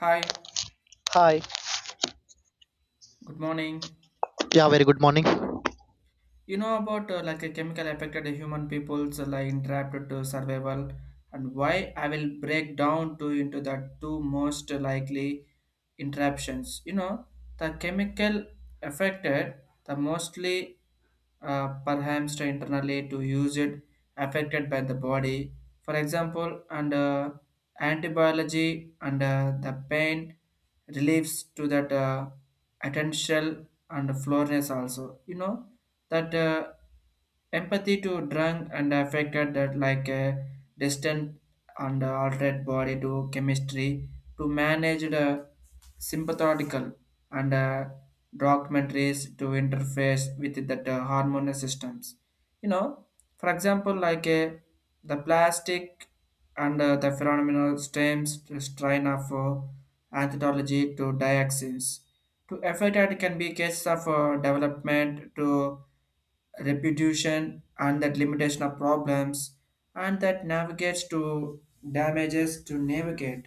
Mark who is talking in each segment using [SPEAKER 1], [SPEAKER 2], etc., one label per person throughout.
[SPEAKER 1] Hi,
[SPEAKER 2] Hi.
[SPEAKER 1] good morning.
[SPEAKER 2] Yeah, very good morning.
[SPEAKER 1] You know about like a chemical affected human people's like interrupted to survival, and why I will break down to into the two most likely interruptions. You know the chemical affected the mostly perhaps to internally to use it affected by the body. For example, and antibiology and the pain relieves to that attentional and floorness also. You know that. Empathy to drunk and affected that like a distant and altered body to chemistry to manage the sympathetical and documentaries to interface with that hormonal systems. You know, for example, like the plastic and the phenomenal stems to strain of anthology to dioxins to effort that can be case of development to repetition and that limitation of problems and that navigates to damages to navigate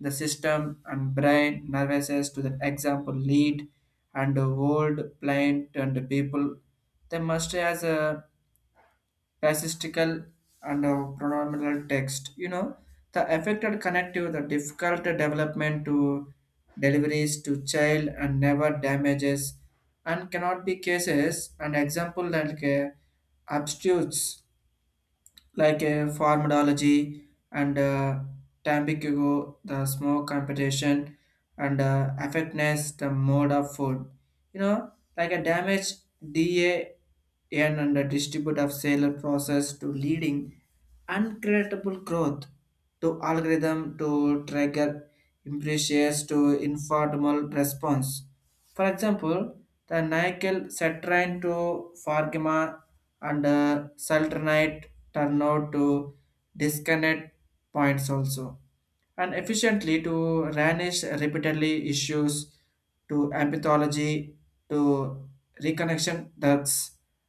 [SPEAKER 1] the system and brain nervouses to the example lead and the world plant and the people they must as a racistical and pronominal text. You know, the affected connective, the difficult development to deliveries to child and never damages and cannot be cases and example like obtuse like a formidology and tampico, the smoke competition and effectiveness, the mode of food. You know, like a damage DAN and the distribute of sale process to leading uncreditable growth to algorithm to trigger imprecious to informal response, for example, the nickel citrine to forgma and sultronate turn out to disconnect points also, and efficiently to vanish repeatedly issues to empathology to reconnection ducts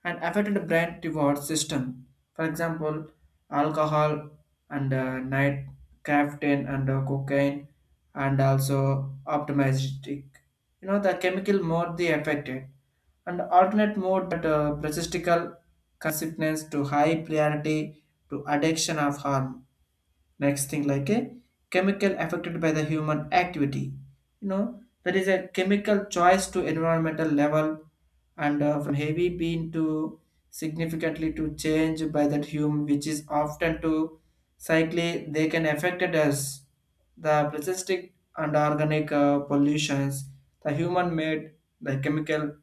[SPEAKER 1] and affected brain reward system. For example, alcohol and night caffeine and cocaine and also optimistic. You know the chemical mode they affected and alternate mode that persistical consciousness to high priority to addiction of harm. Next thing, like a chemical affected by the human activity. You know, there is a chemical choice to environmental level and from heavy being to significantly to change by that human, which is often to cycle they can affected us, the plastic and organic pollutions, the human made the chemical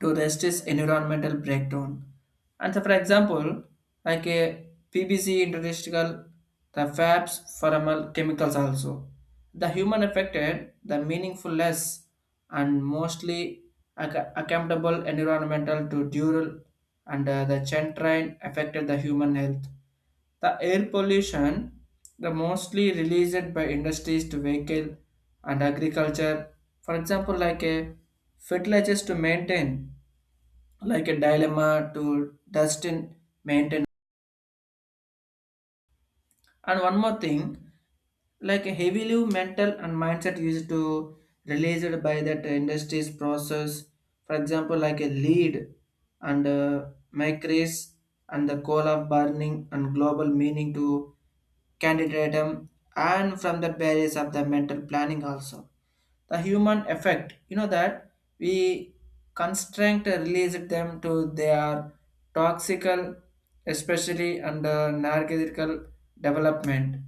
[SPEAKER 1] to resist environmental breakdown. And so, for example, like a PBC industrial, the fabs, formal chemicals also. The human affected, the meaningful less, and mostly accountable environmental to dural and the chain train affected the human health. The air pollution, the mostly released by industries to vehicle and agriculture, for example, like a fertilizers to maintain, like a dilemma to dust in maintenance. And one more thing, like heavily mental and mindset used to released by that industry's process. For example, like a lead and micris and the coal of burning and global meaning to candidatum and from the barriers of the mental planning also. The human effect, you know, that we constraint released them to their toxical, especially under narcotical development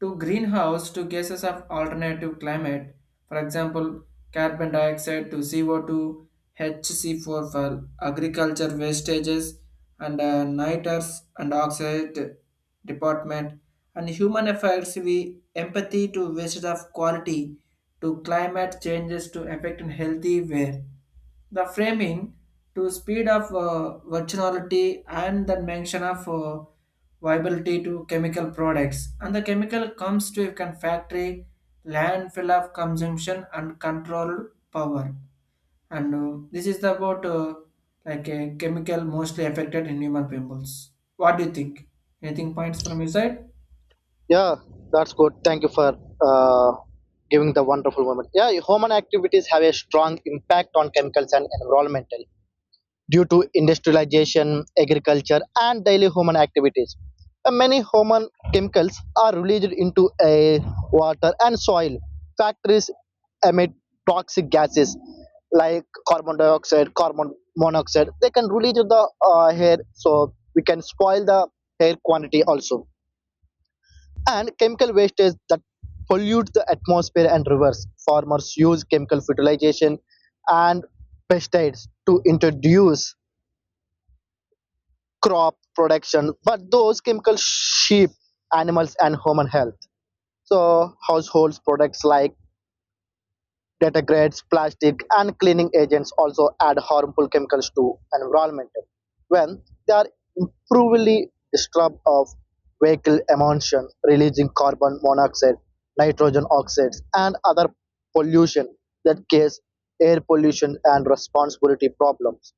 [SPEAKER 1] to greenhouse to gases of alternative climate, for example, carbon dioxide to CO2, HC4 for agriculture wastages, and nitrous and oxide department, and human affairs we empathy to waste of quality to climate changes to affect in healthy way, the framing to speed of virginality and the mention of viability to chemical products and the chemical comes to a factory landfill of consumption and controlled power. And this is the about like a chemical mostly affected in human peoples. What do you think? Anything points from your side?
[SPEAKER 2] Yeah, that's good. Thank you for uh, giving the wonderful moment. Yeah, human activities have a strong impact on chemicals and environmental due to industrialization, agriculture, and daily human activities. Many human chemicals are released into air, water, and soil. Factories emit toxic gases like carbon dioxide, carbon monoxide. They can release the air, so we can spoil the air quantity also and chemical wastage that pollute the atmosphere and rivers. Farmers use chemical fertilization and pesticides to introduce crop production, but those chemicals sheep, animals, and human health. So households products like detergents, plastic and cleaning agents also add harmful chemicals to environment when they are improperly disturbed of vehicle emulsion, releasing carbon monoxide, nitrogen oxides, and other pollution that cause air pollution and responsibility problems,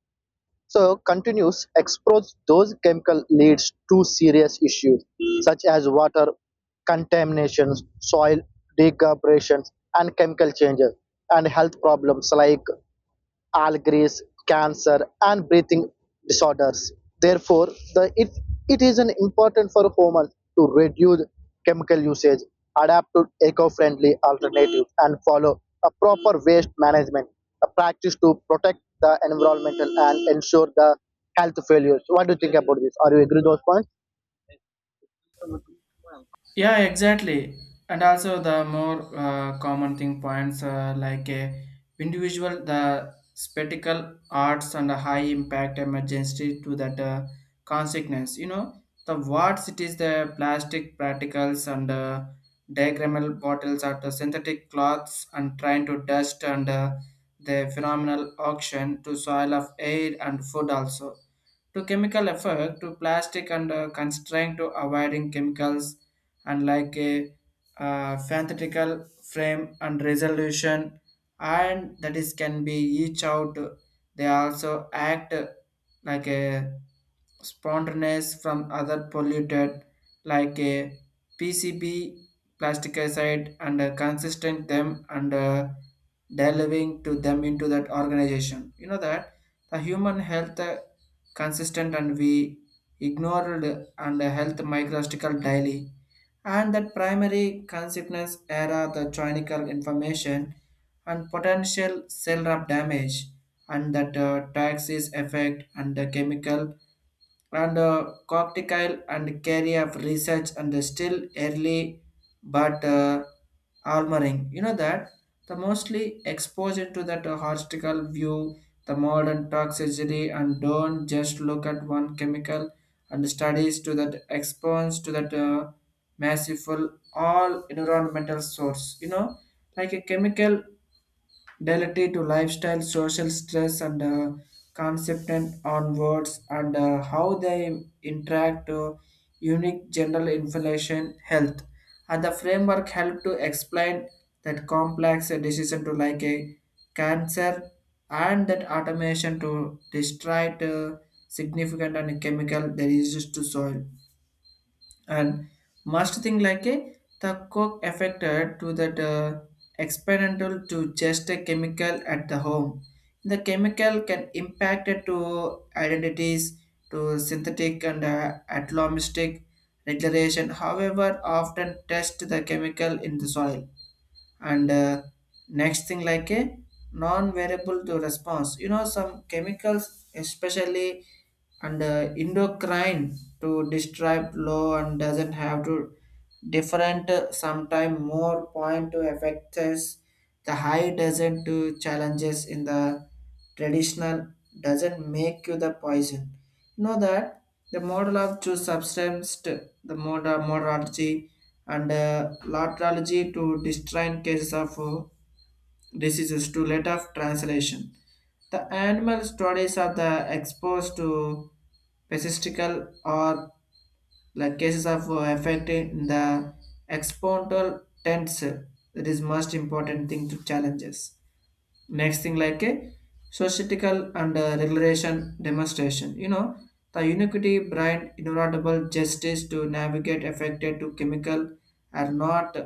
[SPEAKER 2] so continuous exposure those chemical leads to serious issues such as water contamination, soil degradation, and chemical changes, and health problems like allergies, cancer, and breathing disorders. Therefore, the, it, it is an important for humans to reduce chemical usage, adapt to eco-friendly alternatives, and follow a proper waste management, a practice to protect the environmental and ensure the health failures. What do you think about this? Are you agree with those points?
[SPEAKER 1] Yeah, exactly. And also the more common thing points, like a individual, the spectacle arts and a high impact emergency to that consequence. You know, the what it is the plastic particles and diagrammal bottles are the synthetic cloths and trying to dust and the phenomenal auction to soil of air and food also to chemical effect to plastic and constraint to avoiding chemicals and like a fanatical frame and resolution and that is can be each out, they also act like a spontaneous from other polluted like a PCB plasticicide and consistent them and delivering to them into that organization. You know that the human health consistent and we ignored and health microstical daily and that primary consequence era the clinical information and potential cell damage and that taxis effect and the chemical and cocktail and carry of research and the still early, but armoring, you know, that the mostly exposure to that hostile view, the modern toxicity and don't just look at one chemical and studies to that exposed to that massive all environmental source. You know, like a chemical delete to lifestyle, social stress, and concept and onwards, and how they interact to unique general information health. And the framework help to explain that complex decision to like a cancer and that automation to destroy significant and chemical that is used to soil, and must think like a the coke affected to that experimental to just a chemical at the home, the chemical can impact it to identities to synthetic and atomistic regulation, however often test the chemical in the soil. And next thing, like a non-variable to response. You know, some chemicals, especially and endocrine to describe low and doesn't have to different sometime more point to affect us, the high doesn't do challenges in the traditional doesn't make you the poison. You know that the model of choose substance, moderology and laterology to describe cases of diseases to let of translation. The animal studies of the exposed to pesticidal or like cases of affecting the exponential tensor. That is most important thing to challenges. Next thing, like a societical and regulation demonstration. You know, the unicity brand inevitable justice to navigate affected to chemical and not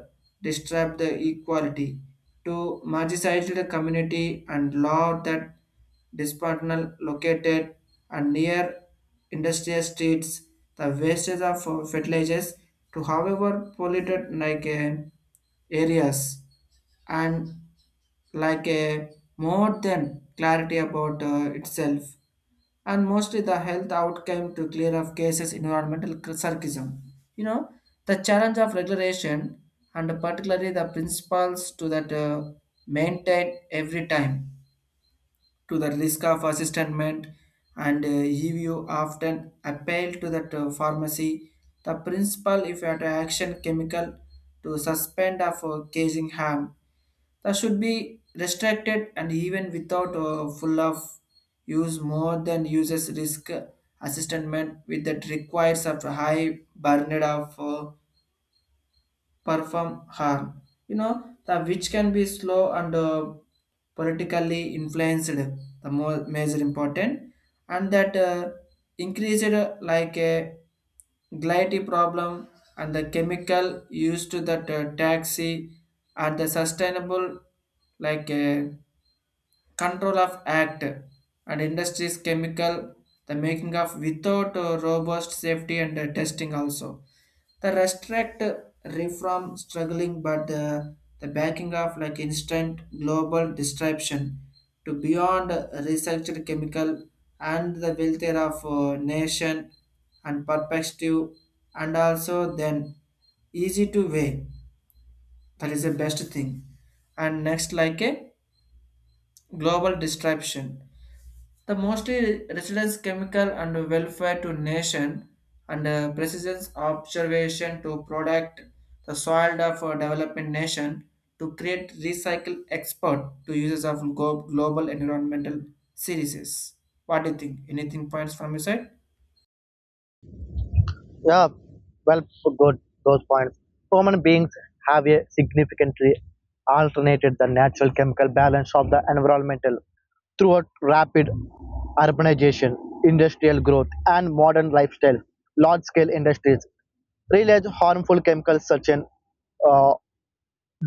[SPEAKER 1] disturb the equality to marginalized the community and law that dispersal located and near industrial streets, the wastage of fertilizers to however polluted like areas and like a more than clarity about itself and mostly the health outcome to clear of cases environmental circism. You know, the challenge of regulation and particularly the principles to that maintain every time to the risk of assistance and EVO often appeal to that pharmacy. The principal if at action chemical to suspend of causing harm. That should be restricted and even without full of use more than uses risk assessment with that requires of high burden of perform harm. You know, the which can be slow and politically influenced, the more major important, and that increased like a Gliety problem and the chemical used to that taxi and the sustainable like Control of Act and Industries Chemical, the making of without robust safety and testing also. The restrict reform struggling, but the backing of like instant global disruption to beyond researched chemical and the welfare of nation and perspective, and also then easy to weigh, that is the best thing. And next like a global disruption, the mostly residence chemical and welfare to nation and precision observation to product, the soil of a developing nation to create recycle export to users of global environmental series. What do you think? Anything points from your side?
[SPEAKER 2] Yeah, well put good those points. Human beings have a significantly alternated the natural chemical balance of the environmental throughout rapid urbanization, industrial growth, and modern lifestyle. Large-scale industries release harmful chemicals such as uh,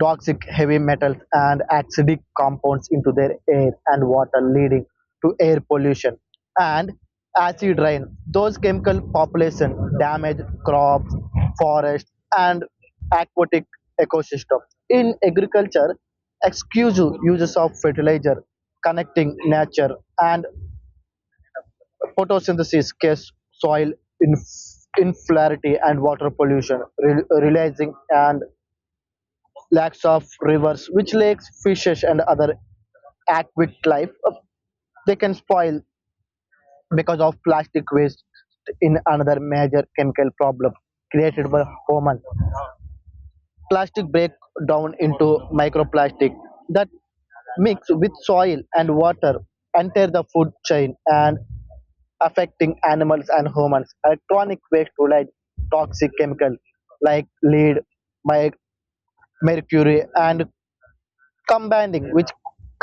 [SPEAKER 2] toxic heavy metals and acidic compounds into their air and water leading to air pollution and acid rain, those chemical population damage crops, forests, and aquatic ecosystem in agriculture, exclusive uses of fertilizer connecting nature and photosynthesis cause soil inferiority and water pollution, releasing and lakes of rivers, which lakes, fishes, and other aquatic life they can spoil because of plastic waste in another major chemical problem created by human. Plastic break down into microplastic that mix with soil and water, enter the food chain and affecting animals and humans. Electronic waste to light toxic chemical like lead, mi- mercury and combining with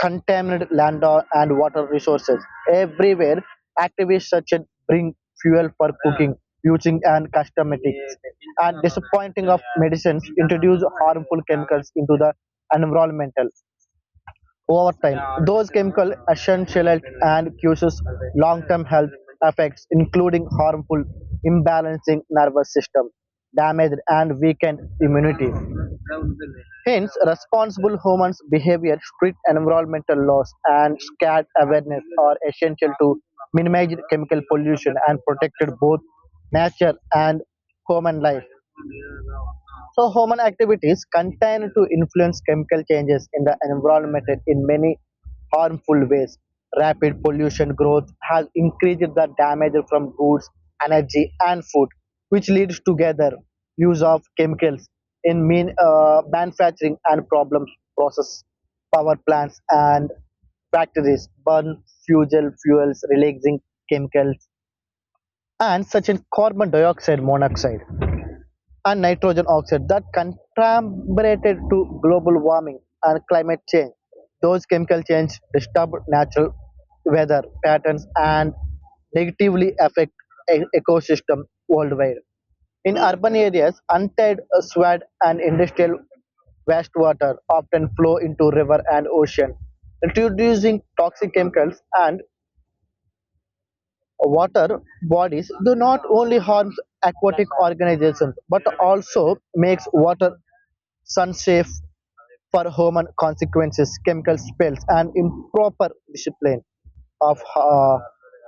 [SPEAKER 2] contaminated land and water resources everywhere. Activists such as bring fuel for cooking, using and cosmetics, and disappointing of medicines introduce harmful chemicals into the environmental over time. Those chemical essentials and causes long-term health effects, including harmful, imbalancing nervous system, damage, and weakened immunity. Hence, responsible humans' behavior, strict environmental laws, and scarce awareness are essential to minimize chemical pollution and protect both nature and human life. So human activities continue to influence chemical changes in the environment in many harmful ways. Rapid pollution growth has increased the damage from goods, energy, and food, which leads together use of chemicals in manufacturing and problem process. Power plants and factories burn fossil fuels, releasing chemicals and such as carbon dioxide, monoxide and nitrogen oxide that contributed to global warming and climate change. Those chemical changes disturb natural weather patterns and negatively affect ecosystem worldwide. In urban areas, untied and industrial wastewater often flow into river and ocean, introducing toxic chemicals and water bodies do not only harm aquatic organisms but also makes water unsafe for human consequences, chemical spills, and improper discipline of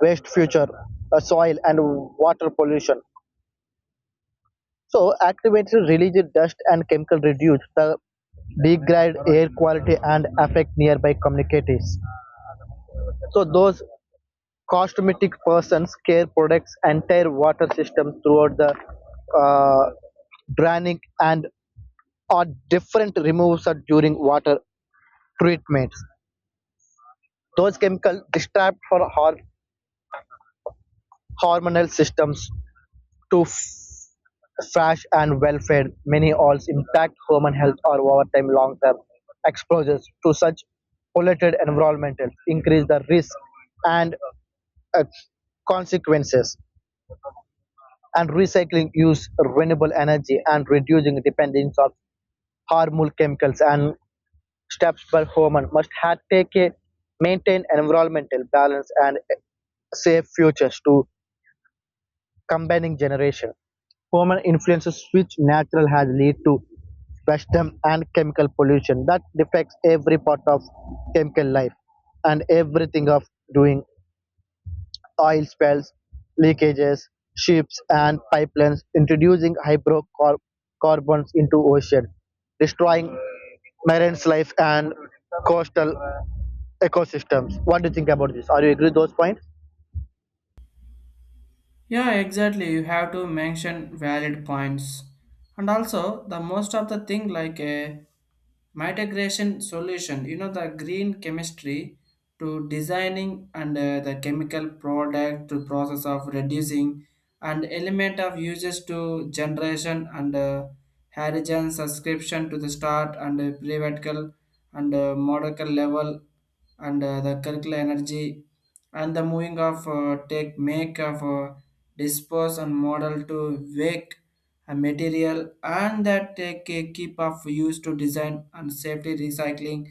[SPEAKER 2] waste future soil and water pollution, so activated releases dust and chemical reduce the degrade air quality and affect nearby communities, so those cosmetic persons care products entire water system throughout the uh, draining and are different removes are during water treatments. Those chemicals distract for hormonal systems to fresh and welfare. Many also impact human health or over time long term exposures to such polluted environments increase the risk and uh, consequences. And recycling use renewable energy and reducing dependence on harmful chemicals and steps per human must have take a maintain environmental balance and save futures to combining generation. Human influences which natural has lead to Western and chemical pollution that affects every part of chemical life and everything of doing. Oil spills, leakages, ships and pipelines introducing hydrocarbons into ocean, destroying marine life and coastal ecosystems. What do you think about this? Are you agree with those points?
[SPEAKER 1] Yeah, exactly. You have to mention valid points. And also, the most of the thing like a mitigation solution, you know, the green chemistry to designing and the chemical product to process of reducing and element of uses to generation and hydrogen subscription to the start and prevatical and molecular level and the circular energy and the moving of take make of dispose and model to wake a material and that take a keep of use to design and safety recycling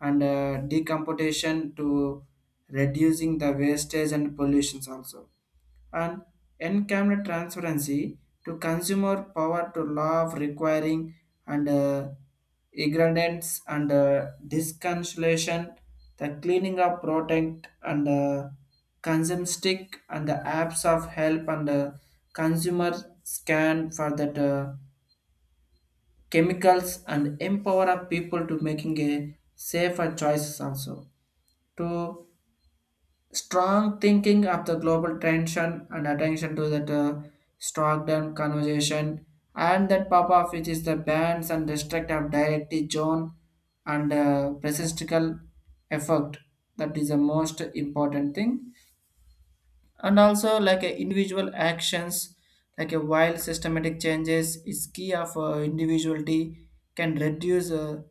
[SPEAKER 1] and decomposition to reducing the wastage and pollutions also and encamped transparency to consumer power to law of requiring and ignorance and disconsolation, the cleaning up protect and consume stick and the apps of help and consumer scan for that chemicals and empower of people to making a safer choices also to strong thinking of the global tension and attention to that Stockholm conversation and that pop off which is the bans and restrict of directly John and physical effect, that is the most important thing. And also like a individual actions, like a while systematic changes is key of individuality can reduce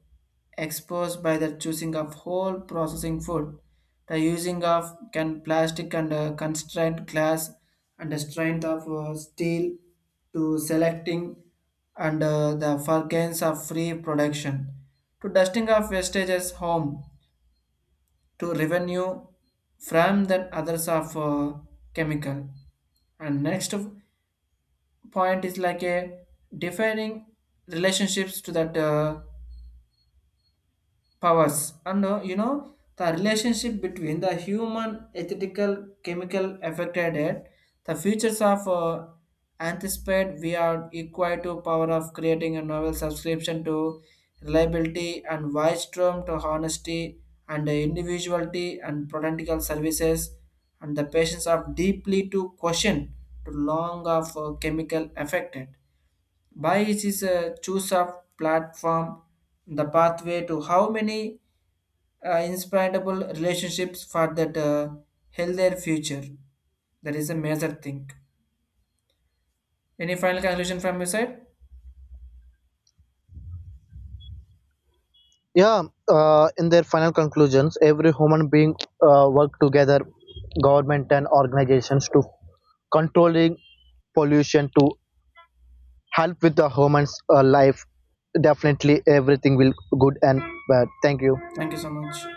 [SPEAKER 1] exposed by the choosing of whole processing food, the using of can plastic and constrained glass and the strength of steel to selecting and the furgance of free production to dusting of wastages home to revenue from than others of chemical. And point is like a defining relationships to that powers, and you know the relationship between the human ethical chemical affected it, the futures of anticipate we are equal to power of creating a novel subscription to reliability and wise term to honesty and the individuality and protectical services and the patients are deeply to question to long of chemical affected by it is a choose of platform, the pathway to how many inspirable relationships for that healthier future. That is a major thing. Any final conclusion from your side?
[SPEAKER 2] Yeah. In their final conclusions, every human being work together, government and organizations to controlling pollution to help with the human's life. Definitely, everything will good and bad. Thank you.
[SPEAKER 1] Thank you so much.